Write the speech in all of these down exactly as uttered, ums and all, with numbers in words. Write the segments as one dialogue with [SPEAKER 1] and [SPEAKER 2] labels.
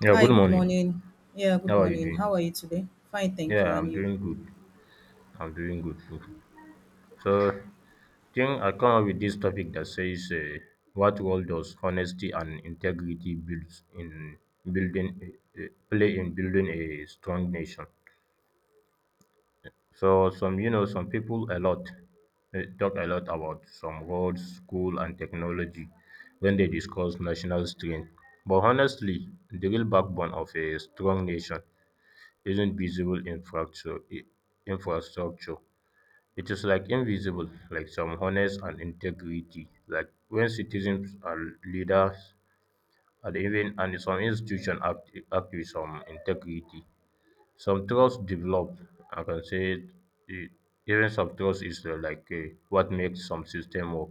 [SPEAKER 1] Yeah,
[SPEAKER 2] Hi,
[SPEAKER 1] good
[SPEAKER 2] good
[SPEAKER 1] morning.
[SPEAKER 2] morning. Yeah, good
[SPEAKER 1] How are you
[SPEAKER 2] morning. How
[SPEAKER 1] doing?
[SPEAKER 2] are you today? Fine, thank you.
[SPEAKER 1] Yeah,
[SPEAKER 2] And
[SPEAKER 1] I'm
[SPEAKER 2] you?
[SPEAKER 1] doing good. I'm doing good too. So, think I come up with this topic that says, uh, "What role does honesty and integrity builds in building uh, uh, play in building a strong nation?" So, some you know, some people a lot uh, talk a lot about some roads, school, and technology when they discuss national strength. But honestly, the real backbone of a strong nation isn't visible infrastructure. infrastructure. It is like invisible, like some honest and integrity. Like when citizens and leaders and even and some institution act, act with some integrity, some trust develop. I can say it. it- Even some trust is uh, like eh, what makes some system work.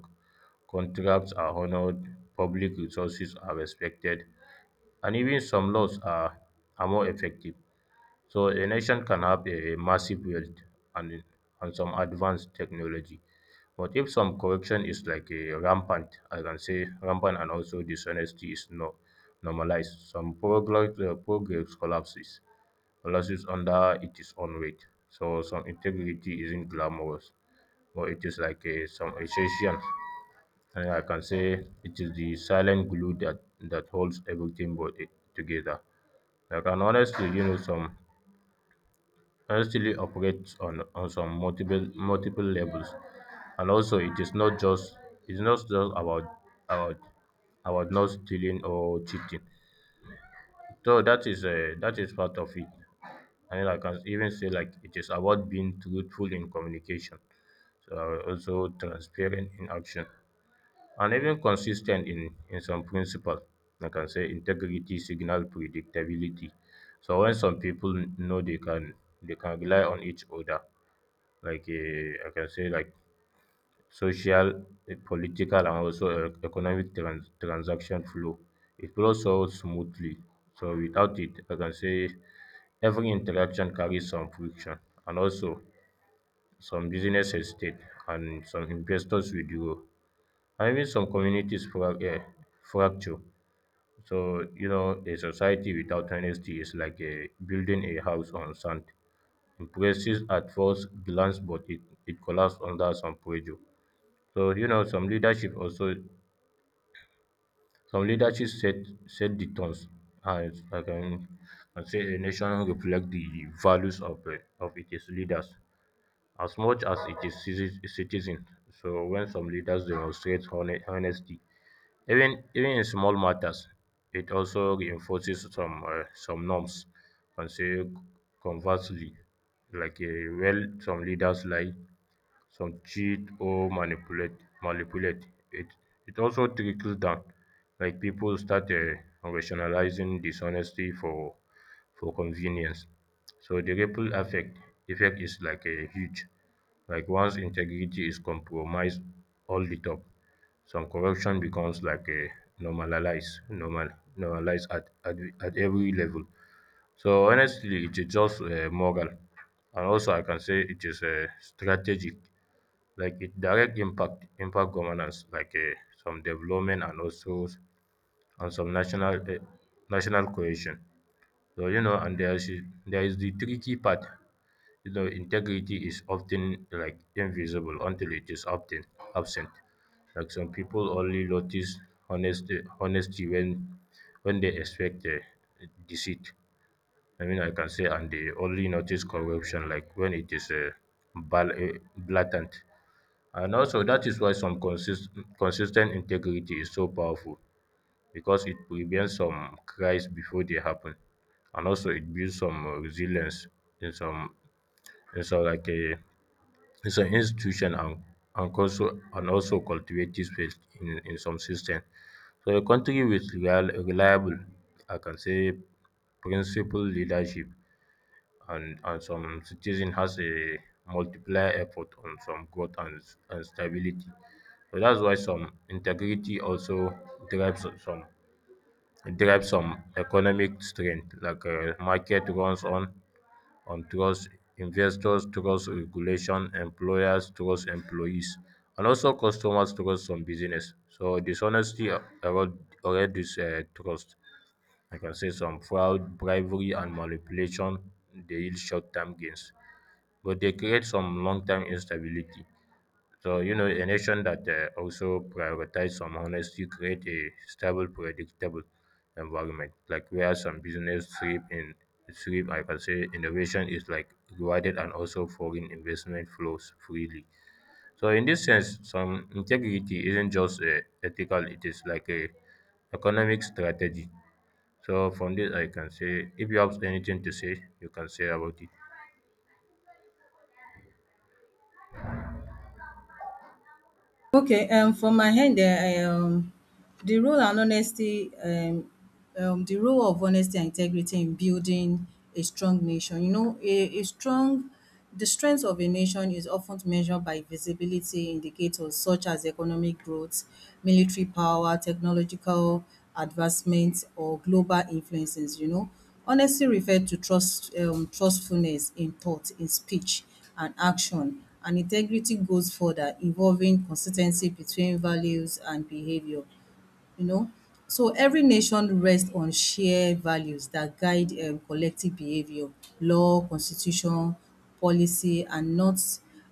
[SPEAKER 1] Contracts are honored, public resources are respected, and even some laws are, are more effective. So a nation can have a massive wealth and, and some advanced technology. But if some corruption is like a rampant, I can say rampant and also dishonesty is no normalized, some progress, uh, progress collapses, collapses under its own weight. So some integrity isn't glamorous, but it is like a, some essential. And I can say it is the silent glue that, that holds everything but it together. Like and honestly, you know, some Wrestling operates on, on some multiple multiple levels, and also it is not just it's not just about about about not stealing or cheating. So that is uh, that is part of it, and I can even say like it is about being truthful in communication, so also transparent in action, and even consistent in in some principle. I can say integrity, signal, predictability. So when some people know they can they can rely on each other like uh, I can say like social, eh, political, and also e- economic trans- transaction flow. It flows so smoothly. So without it, I can say every interaction carries some friction, and also some business hesitate, and some investors withdraw, and even some communities fra- eh, fracture. So you know, a society without honesty is like a building a house on sand. Impressive at first glance, but it, it collapses under some pressure. So you know, some leadership also some leadership set set the tones and I can and say a nation reflect the values of uh, of its leaders as much as it is citi- citizen. So when some leaders demonstrate hone- honesty, even even in small matters, it also reinforces some uh, some norms and say conversely, like uh, well some leaders lie some cheat or manipulate manipulate it. It also trickles down, like people start uh, rationalizing dishonesty for for convenience. So the ripple effect effect is like a huge. Like once integrity is compromised, all the top. Some corruption becomes like a normalized normal normalized at, at at every level. So honestly, it is just uh, moral, and also I can say it is uh, strategic like it direct impact impact governance like uh, some development and also s- and some national uh, national cohesion. So you know, and there is there is the tricky part. You know, integrity is often like invisible until it is often absent. Like some people only notice honesty honesty when when they expect uh, deceit. i mean I can say, and they only notice corruption like when it is uh, bal- uh, blatant. And also, that is why some consist consistent integrity is so powerful because it prevents some cries before they happen, and also it builds some uh, resilience in some in some like a in some institution and and also and also cultivates faith in, in some system. So a country with real, reliable, I can say, principled leadership and and some citizen has a multiplier effort on some growth and, and stability. So that's why some integrity also drives some it drives some economic strength, like uh, market runs on on trust, investors trust regulation, employers trust employees, and also customers trust some business. So dishonesty er- erode erode this uh, trust. I can say some fraud, bribery, and manipulation, they yield short-term gains, but they create some long-term instability. So, you know, a nation that uh, also prioritize some honesty create a stable, predictable environment, like where some business thrive in thrive, I can say innovation is like rewarded and also foreign investment flows freely. So in this sense, some integrity isn't just uh, ethical, it is like a economic strategy. So from this I can say if you have anything to say, you can say about it.
[SPEAKER 2] Okay, um, from my end, there. I um The role and honesty um um the role of honesty and integrity in building a strong nation. You know, a a strong the strength of a nation is often measured by visibility indicators such as economic growth, military power, technological advancement or global influences, you know. Honesty referred to trust um trustfulness in thought, in speech and action, and integrity goes further, involving consistency between values and behaviour you know. So every nation rests on shared values that guide, um, collective behavior. Law, constitution, policy are not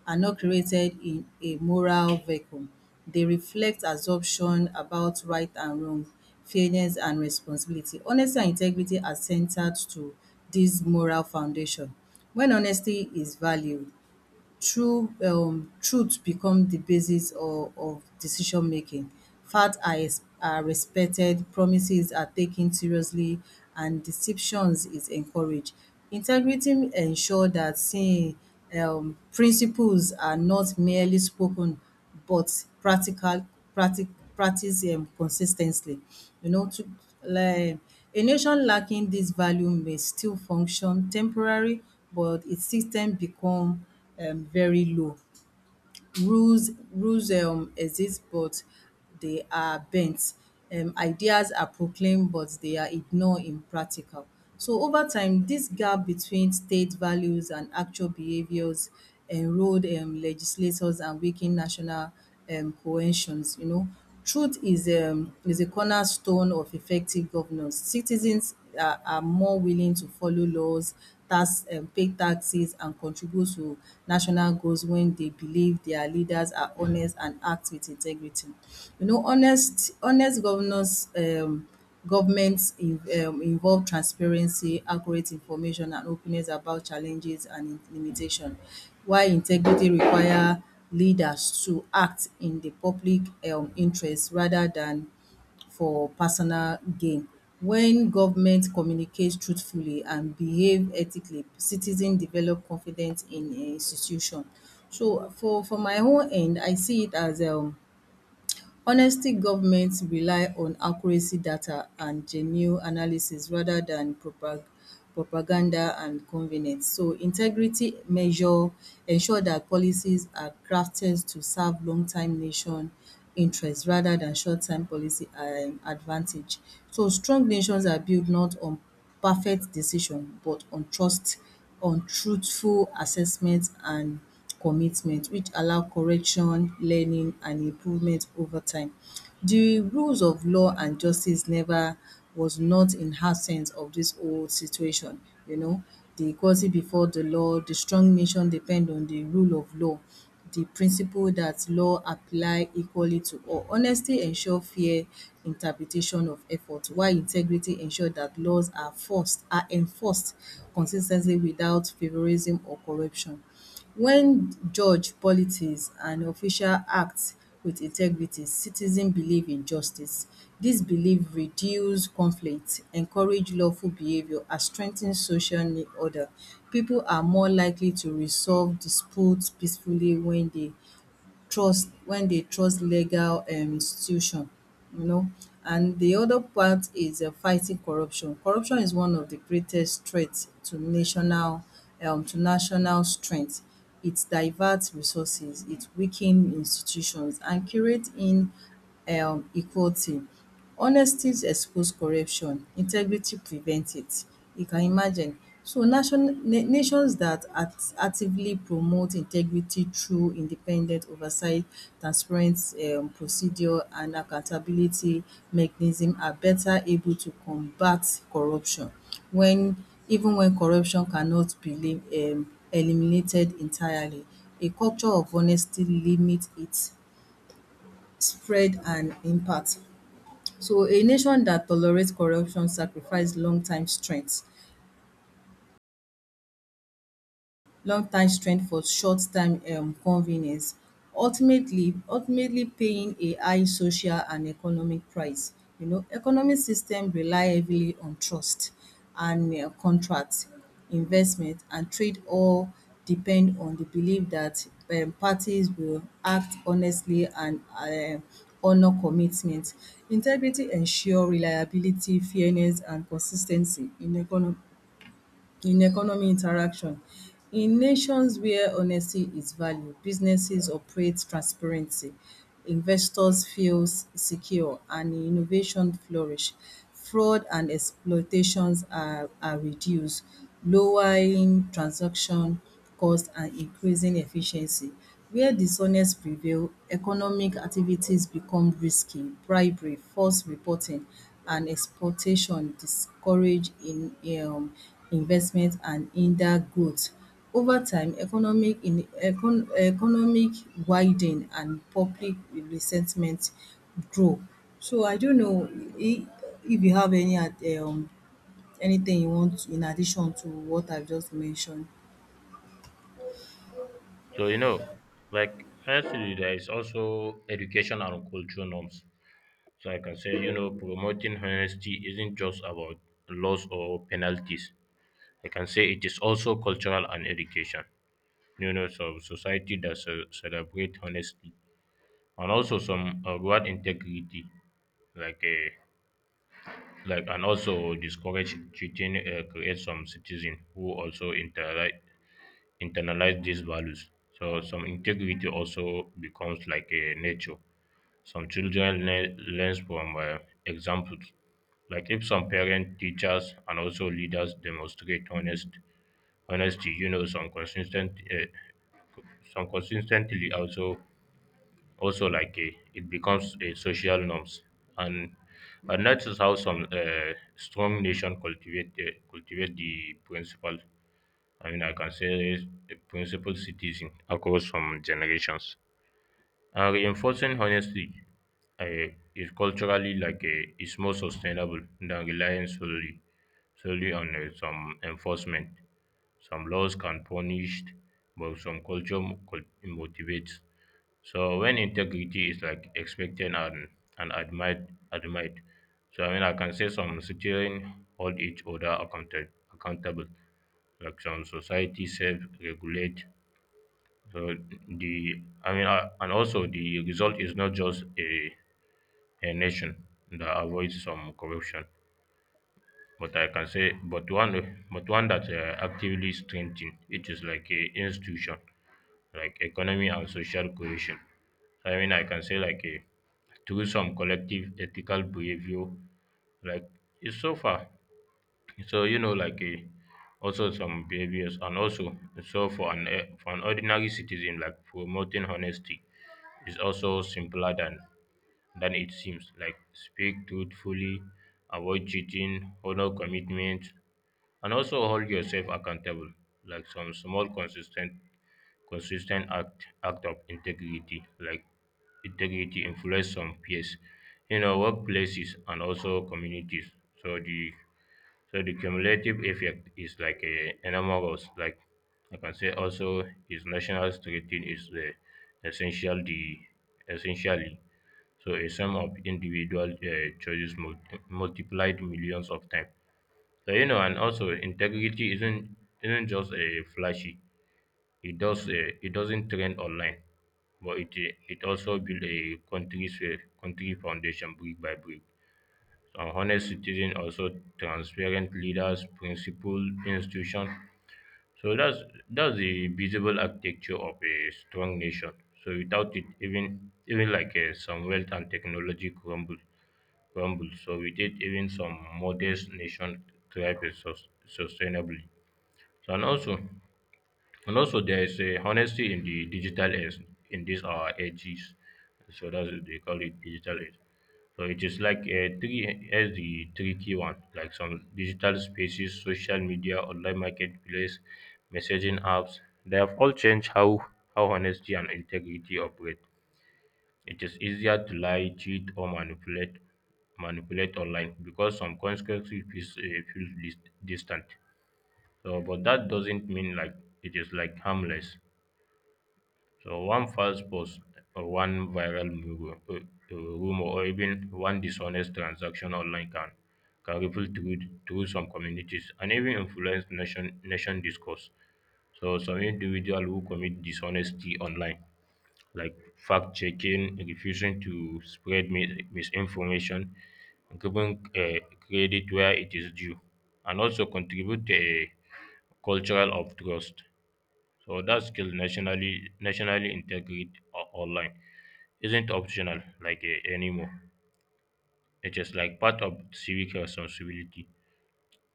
[SPEAKER 2] are not created in a moral vacuum. They reflect assumption about right and wrong, fairness and responsibility. Honesty and integrity are centered to this moral foundation. When honesty is valued, true um truth become the basis of, of decision making. Facts are, ex- are respected, promises are taken seriously, and deceptions is encouraged. Integrity ensure that saying um principles are not merely spoken but practical practi practice. Um consis You know, to like a nation lacking this value may still function temporary, but its system become um very low. Rules rules um exist but they are bent. Um, ideas are proclaimed but they are ignored in practical. So over time, this gap between state values and actual behaviors enrolled, um, legislators, and weaken national um, cohesions, you know. Truth is um, is a cornerstone of effective governance. Citizens are, are more willing to follow laws, tax, um, pay taxes, and contribute to national goals when they believe their leaders are honest and act with integrity. You know, honest honest governance um, governments in, um, involve transparency, accurate information, and openness about challenges and limitation, while integrity require leaders to act in the public um interest rather than for personal gain. When government communicates truthfully and behave ethically, citizen develop confidence in um institution. So for for my own end, I see it as, um honestly, governments rely on accuracy data and genuine analysis rather dan propaganda and convenience, so integrity measure ensure that policies are crafted to serve long time nation interest rather than short term policy um advantage. So strong nations are built not on perfect decision but on trust, on truthful assessment and commitment which allow correction, learning and improvement over time. The rules of law and justice never was not in absence of this whole situation, you know. The equality before the law, the strong nation depend on the rule of law, the principle that law apply equally to all. Honesty ensure fair interpretation of effort, while integrity ensure that laws are forced are enforced consis ten tly without favouritism or corruption. When judge politics and official act with integrity, citizen believe in justice. Dis belief reduce conflict, encourage lawful behaviour and strengthen social ne- order. Pipu are more likely to resolve dispute peacefully when dey trust when dey trust legal um institution you know. And the other part is um fighting corruption. Corruption is one of the greatest threat to national um to national strength. It divert resources, it weaken institutions and create in um equality. Honesty expose corruption, integrity prevent it. You can imagine. So nation na nations dat actively promote integrity through independent oversight, transparent um procedure and accountability mechanism are better able to combat corruption wen even wen corruption cannot be lim um eliminated entirely. A culture of honesty limit its spread and impact. So a nation that tolerates corruption sacrifices long-time strength long time strength for short time um convenience, ultimately ultimately paying a high social and economic price. You know, economic system rely heavily on trust and um contract, investment and trade all depend on the belief that um parties will act honestly and um honour commitment. Integrity ensure reliability, fairness and consis ten cy in econo in economy interaction. In nations where honesty is valued, businesses operate transparency, investors feel secure and innovation flourish. Fraud and exploitations are are reduced, lowering transaction cost and increasing efficiency. Wia dishonest prevail, economic activities become risky, bribery, false reporting and exploitation discourage in um investment and hinder growth, ova time economic in econ economic widening and public resentment grow. So I don't know if if you have any ad- um anything you want in addition to what I've just mentioned.
[SPEAKER 1] So you know, like firstly there is also education and cultural norms. So I can say, you know, promoting honesty isn't just about laws or penalties. I can say it is also cultural and education. You know, so society that ce- celebrate honesty and also some uh, reward integrity, like a like and also discourage cheating, uh, create some citizen who also internalize internalize these values. So some integrity also becomes like a nature. Some children learn learns from uh, examples, like if some parents, teachers, and also leaders demonstrate honest honesty, you know, some consistent, uh, some consistently also also like a, it becomes a social norms, and and that is how some uh, strong nation cultivate uh, cultivate the principle. I mean, I can say the principle citizen across some generations. Uh, reinforcing honesty uh, is culturally like a, is more sustainable than relying solely solely on uh, some enforcement. Some laws can punish, but some culture mo- cul- motivates. So when integrity is like expected and and admired, admired. So I mean, I can say some citizen hold each other accountable. Accountable, like some society self regulate. So the I mean, uh, and also the result is not just a, a nation that avoids some corruption, but I can say, but one, but one that uh, actively strengthen it is like a institution, like economy and social cohesion. I mean, I can say like a through some collective ethical behavior, like it's so far. So you know, like a also some behaviors and also so for an eh, for an ordinary citizen like promoting honesty is also simpler than than it seems. Like speak truthfully, avoid cheating, honor commitment, and also hold yourself accountable. Like some small consistent consistent act act of integrity, like integrity influence some peers, you know, workplaces and also communities. So the so the cumulative effect is like a enormous. Like I can say also his national strategy is the essential the essentially so a sum of individual uh, choices multi- multiplied millions of times. So you know, and also integrity isn't isn't just a flashy. It does uh, it doesn't trend online, but it uh, it also build a country's uh, country foundation brick by brick. So honest citizen, also transparent leaders, principled institution. So that's that's the visible architecture of a strong nation. So without it, even even like uh, some wealth and technology crumble crumble, so we did even some modest nations thrive sus- sustainably. So and also and also there is a honesty in the digital age in this our ages. So that's what they call it digital age. So it is like a three as the tricky one, like some digital spaces, social media, online marketplace, messaging apps. They have all changed how how honesty and integrity operate. It is easier to lie, cheat, or manipulate manipulate online because some consequences feels, uh, feels dis- distant. So, but that doesn't mean like it is like harmless. So, one false post, or one viral mu- uh, uh, rumor, or even one dishonest transaction online can can ripple through through some communities and even influence nation nation discourse. So, some individual who commit dishonesty online like fact-checking, refusing to spread mi- misinformation, giving uh, credit where it is due, and also contribute to a cultural of trust. So that skill nationally nationally integrate o- online isn't optional like uh, anymore. It is like part of civic responsibility.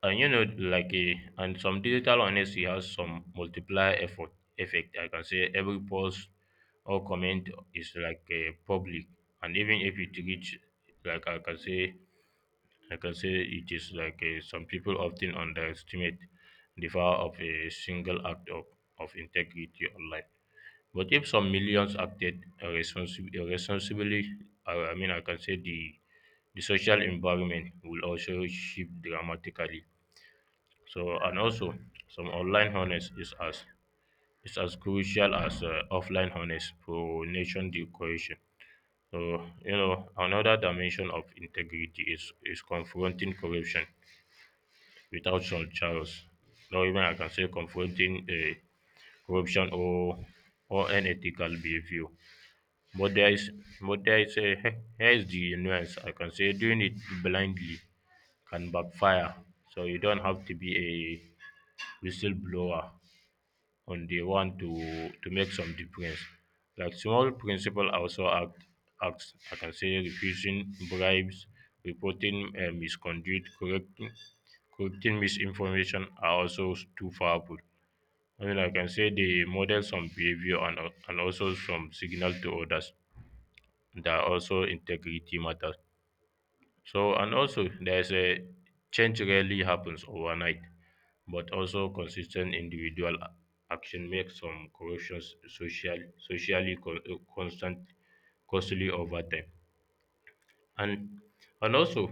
[SPEAKER 1] Uh, you know, like a and some digital honesty has some multiplier effort effect. I can say every post or comment is like a public, and even if it reach, like I can say, I can say it is like a, some people often underestimate the power of a single act of, of integrity online. But if some millions acted responsibly, responsibly, I, I mean, I can say the the social environment will also shift dramatically. So and also some online honest is as is as crucial as uh, offline honest for nation decoration. So you know another dimension of integrity is is confronting corruption without charges. Not even I can say confronting uh, corruption or or unethical behavior. But there is but there is a here is the nuance. I can say doing it blindly can backfire. So you don't have to be a whistleblower on the one to to make some difference. Like small principle also act acts I can say refusing bribes, reporting uh, misconduct, correcting correcting misinformation are also s- too powerful. I mean I can say they model some behavior and, al- and also some signal to others that also integrity matters. So and also there's a change rarely happens overnight, but also consistent individual a- action makes some corruptions social socially con- uh, constant costly over time. And and also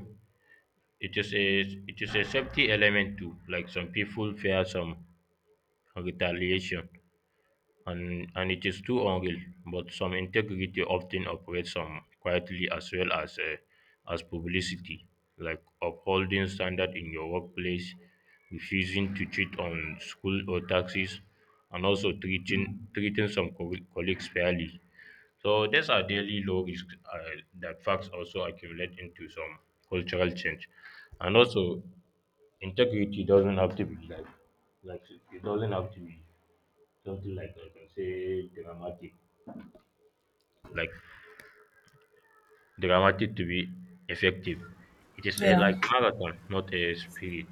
[SPEAKER 1] it is a it is a safety element too. Like some people fear some retaliation and, and it is too unreal, but some integrity often operates some quietly as well as uh, as publicity, like upholding standard in your workplace, refusing to cheat on school or taxes, and also treating treating some co- colleagues fairly. So these are daily low risks uh, that facts also accumulate into some cultural change, and also integrity doesn't have to be like like it doesn't have to be something like I can say dramatic, like dramatic to be effective. It is a
[SPEAKER 2] Yeah.
[SPEAKER 1] like marathon, not a spirit.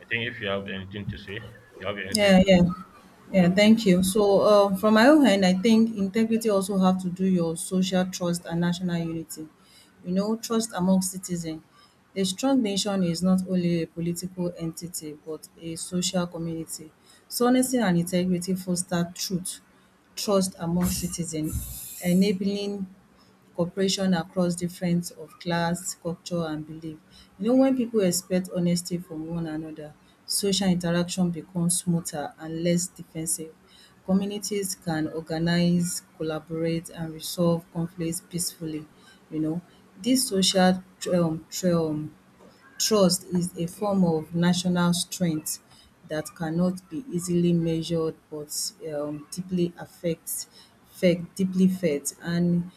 [SPEAKER 1] I think if you have anything to say, you have anything
[SPEAKER 2] Yeah,
[SPEAKER 1] to
[SPEAKER 2] yeah.
[SPEAKER 1] say.
[SPEAKER 2] Yeah,
[SPEAKER 1] Okay.
[SPEAKER 2] thank you. So, uh, from my own hand, I think integrity also have to do your social trust and national unity. You know, trust among citizens. A strong nation is not only a political entity, but a social community. So, honesty and integrity foster truth, trust among citizens, enabling cooperation across different of class, culture and belief. You know, when pipu expect honesty from one another, social interaction become smoother and less defensive. Communities can organize, collaborate and resolve conflict peacefully. You know, dis social um trust is a form of national strength that cannot be easily measured but um deeply affects felt, deeply felt. And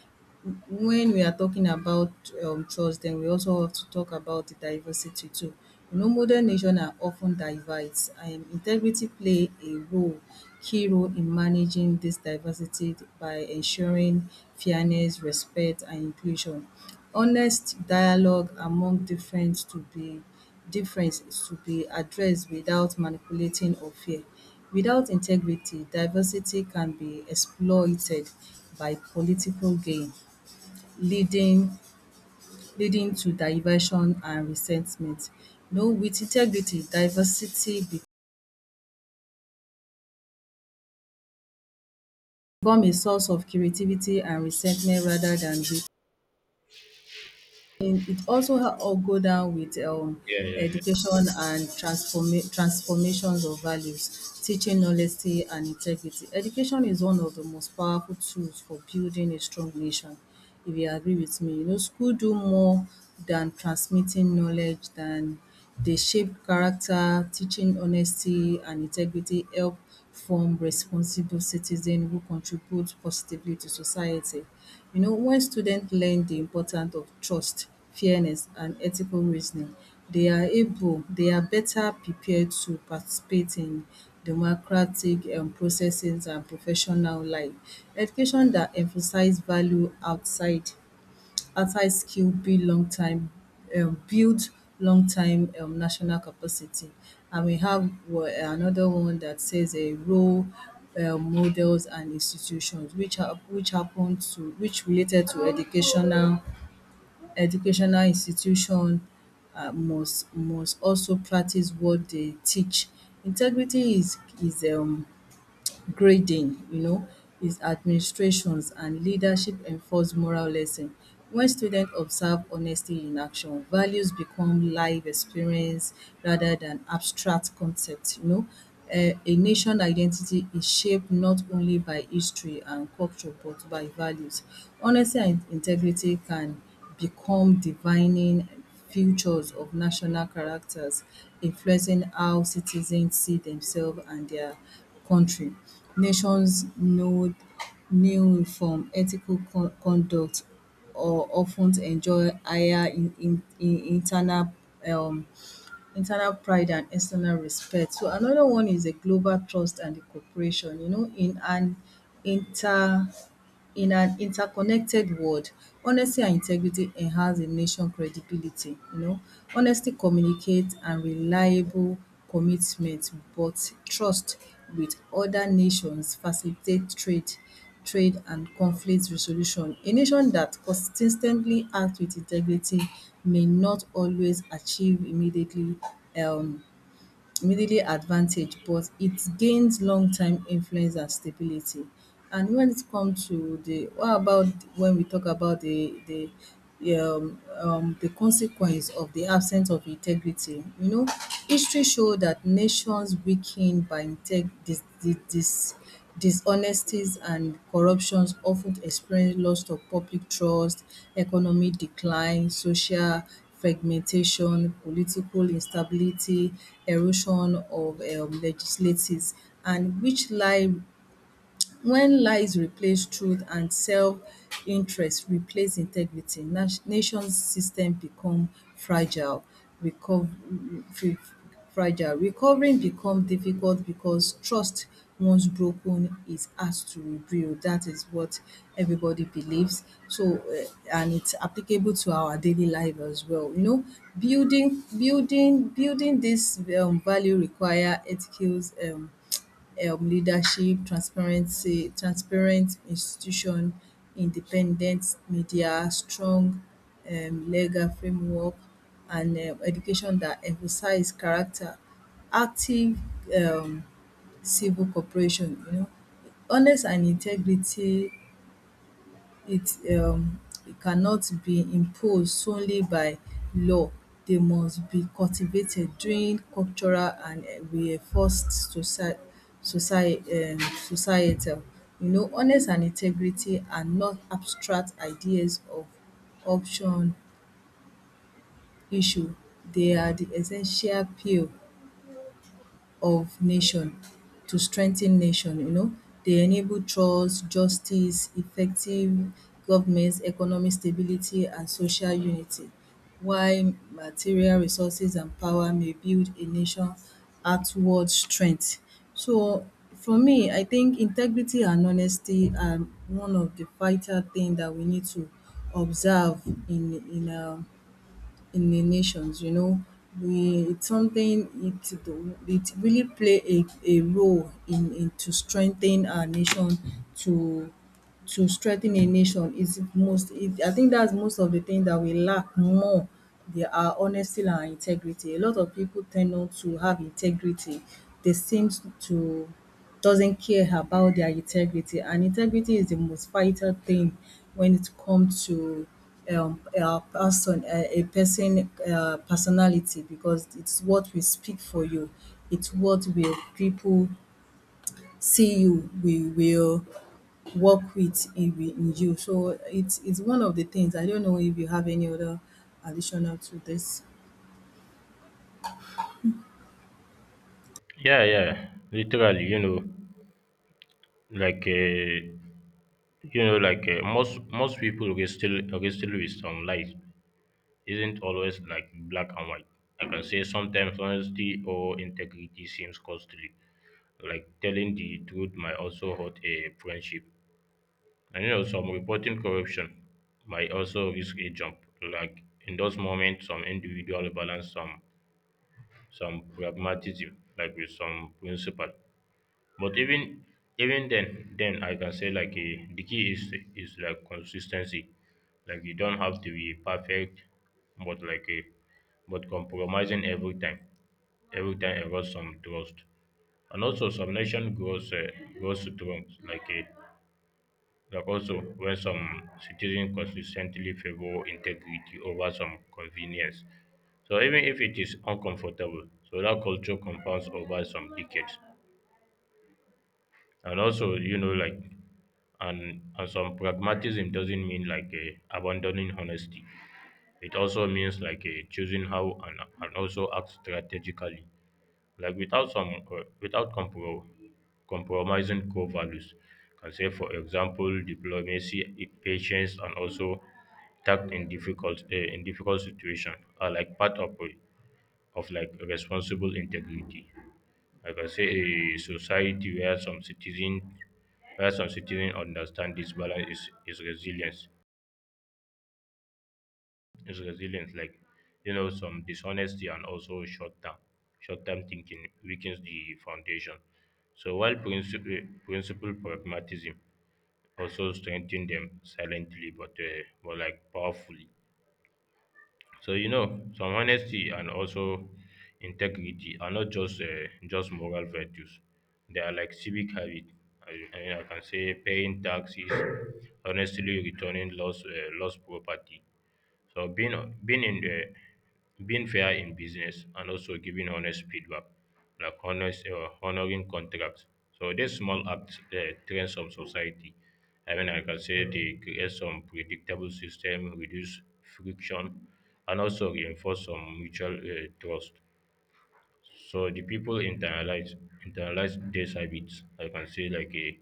[SPEAKER 2] when we are talking about um trust, then we also have to talk about the diversity too. You know, modern nation are often ten diverse and integrity play a role key role in managing this diversity by ensuring fairness, respect and inclusion, honest dialogue among different to be difference to be addressed without manipulating or fear. Without integrity, diversity can be exploited by political gain, leading leading to diversion and resentment. You know, with integrity, diversity become a source of creativity and resentment rather than weakness. And it also ha all go down with um
[SPEAKER 1] Yeah, yeah, yeah.
[SPEAKER 2] education and transforma transformations of values, teaching honesty and integrity. Education is one of the most powerful tools for building a strong nation, if you agree with me. You know, school do more than transmitting knowledge, than they shape character, teaching honesty and integrity help form responsible citizens who contribute positively to society. You know, when student learn the important of trust, fairness and ethical reasoning, they are able they are better prepared to participate in democratic um processes and professional life. Education that emphasize value outside outside skill build long time um, build long time um, national capacity. And we have wa- another one that says a role, um, models and institutions which hap- which happened to which related to educational educational institution, uh, must must also practice what they teach. Integrity is is um grading, you know, is administrations and leadership enforce moral lesson. When students observe honesty in action, values become live experience rather than abstract concepts, you know. Um a nation identity is shaped not only by history and culture but by values. Honesty and integrity can become divining futures of national characters, influencing how citizens see themselves and their country. Nations know new from ethical con- conduct or often enjoy higher in, in, in internal um, internal pride and external respect. So another one is the global trust and the cooperation. You know, in an inter in an interconnected world, honesty and integrity enhance a nation credibility, you know. Honesty communicate and reliable commitment, but trust with other nations facilitate trade trade and conflict resolution. A nation that consistently acts with integrity may not always achieve immediately um immediately advantage, but it gains long term influence and stability. And when it comes to the what about, when we talk about the the um, um, the consequence of the absence of integrity? You know, history show that nations weakened by integ this this dis dishonesties and corruptions often explain loss of public trust, economic decline, social fragmentation, political instability, erosion of um legislatives, and which lie when lies replace truth and self-interest replace integrity, nat- nation's system become fragile. Recover, fragile. Recovering become difficult because trust once broken is asked to rebuild. That is what everybody believes. So, uh, and it's applicable to our daily life as well. You know, building building building this um value require ethical um um leadership, transparency, transparent institution, independent media, strong um legal framework and um education that emphasize character, active um civil cooperation, you know, honest and integrity it um it cannot be imposed solely by law, dey must be cultivated during cultural and reinforced socie socie um societal, you know. Honest and integrity are not abstract ideas of option issue. They are the essential pill of nation, to strengthen nation, you know. They enable trust, justice, effective governments, economic stability and social unity. While material resources and power may build a nation outward strength. So for me, I think integrity and honesty are one of the vital things that we need to observe in in um in the nations, you know. We, it's something it do, it really play a a role in in to strengthen our nation to to strengthen a nation is most, is, I think that's most of the thing that we lack more, they are honesty and integrity. A lot of people tend not to have integrity. They seem to doesn't care about their integrity, and integrity is the most vital thing when it comes to um a person a a person uh personality because it's what will speak for you. It's what will people see you. We will work with in, in you. So it's it's one of the things. I don't know if you have any other additional to this.
[SPEAKER 1] Yeah, yeah. Literally, you know, like uh, you know, like uh, most most people wrestle wrestle with some life isn't always like black and white. I can say sometimes honesty or integrity seems costly. Like telling the truth might also hurt a friendship. And you know, some reporting corruption might also risk a jump. Like in those moments, some individual balance some some pragmatism, like with some principle. But even even then, then I can say like eh, the key is is like consistency. Like you don't have to be perfect, but like a but compromising every time, every time erodes some trust. And also, some nation grows uh, grows strong, like a like also, when some citizens consistently favor integrity over some convenience, so even if it is uncomfortable, so that culture compounds over some decades. And also, you know, like, and, and some pragmatism doesn't mean like a abandoning honesty. It also means like a choosing how and, and also act strategically like without some uh, without compro- compromising core values. Can say for example, diplomacy, i- patience, and also tact in difficult uh, in difficult situation are like part of uh, of like responsible integrity. Like I say, a society where some citizen where some citizen understand this balance is, is resilience. is resilience. Like, you know, some dishonesty and also short term, short term thinking weakens the foundation. So while principle, principle pragmatism also strengthen them silently, but uh, but like powerfully. So you know, some honesty and also integrity are not just uh, just moral virtues. They are like civic habit. I, I mean, I can say paying taxes, honestly returning lost uh, lost property, so being being in the being fair in business and also giving honest feedback, like honest uh, honoring contracts. So these small acts uh, trends of society. I mean, I can say they create some predictable system, reduce friction, and also reinforce some mutual uh, trust. So the people internalize internalize these habits. I can say like a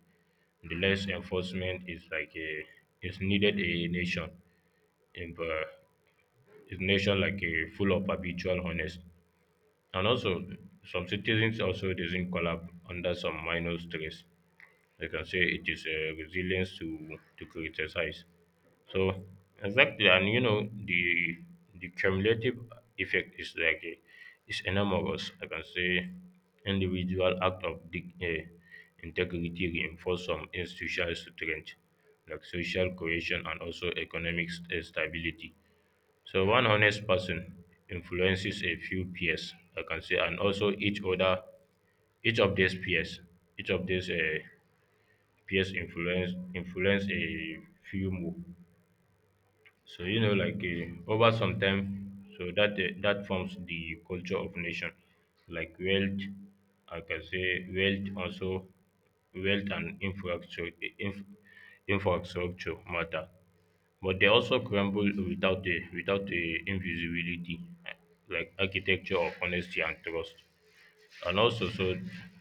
[SPEAKER 1] the less enforcement is like a is needed a nation. In, uh, is nation like a full of habitual honest and also some citizens also doesn't collapse under some minor stress. I can say it is a resilience to to criticize. So exactly, and you know the the cumulative effect is like a, is enormous. I can say individual act of dig, uh, integrity reinforce some institutional strength like social cohesion and also economic st- eh, stability. So one honest person influences a few peers, I can say, and also each other, each of these peers, each of these uh, peers influence influence a few more. So you know, like uh, over some time, so that uh, that forms the culture of nation, like wealth. I can say wealth also wealth and infrastructure inf- infrastructure matter but they also crumble without a without a invisibility eh, like architecture of honesty and trust and also so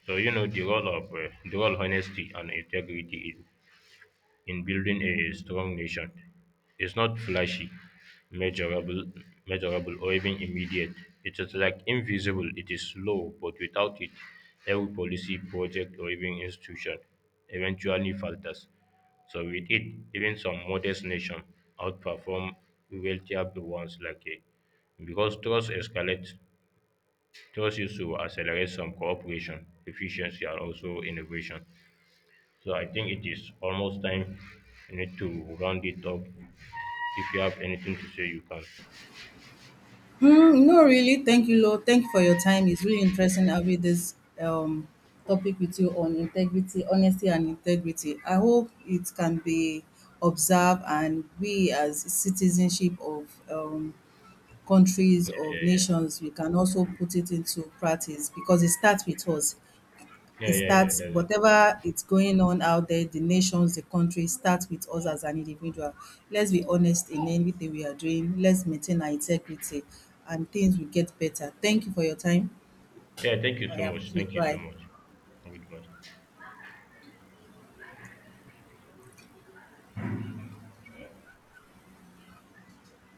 [SPEAKER 1] so you know the role of uh, the role honesty and integrity is in building a strong nation is not flashy, measurable, measurable, or even immediate. It is like invisible. It is slow, but without it, every policy, project, or even institution eventually falters. So with it, even some modest nations outperform wealthier ones like a because trust escalates, trust used to accelerate some cooperation, efficiency, and also innovation. So I think it is almost time you need to round it up. If you have anything to say, you can.
[SPEAKER 2] Mm, no, really. Thank you, Lord. Thank you for your time. It's really interesting having this um, topic with you on integrity, honesty, and integrity. I hope it can be observed, and we, as citizenship of um, countries, of
[SPEAKER 1] Yeah,
[SPEAKER 2] nations, we can also put it into practice because it starts with us.
[SPEAKER 1] yeah,
[SPEAKER 2] It
[SPEAKER 1] yeah, yeah, yeah.
[SPEAKER 2] starts
[SPEAKER 1] That's it.
[SPEAKER 2] whatever it's going on out there, the nations, the countries, starts with us as an individual. Let's be honest in anything we are doing. Let's maintain our integrity and things will get better. Thank you for your time.
[SPEAKER 1] Yeah, thank you
[SPEAKER 2] I
[SPEAKER 1] so much.
[SPEAKER 2] appreciate.
[SPEAKER 1] Thank you so
[SPEAKER 2] Bye.
[SPEAKER 1] much. Goodbye.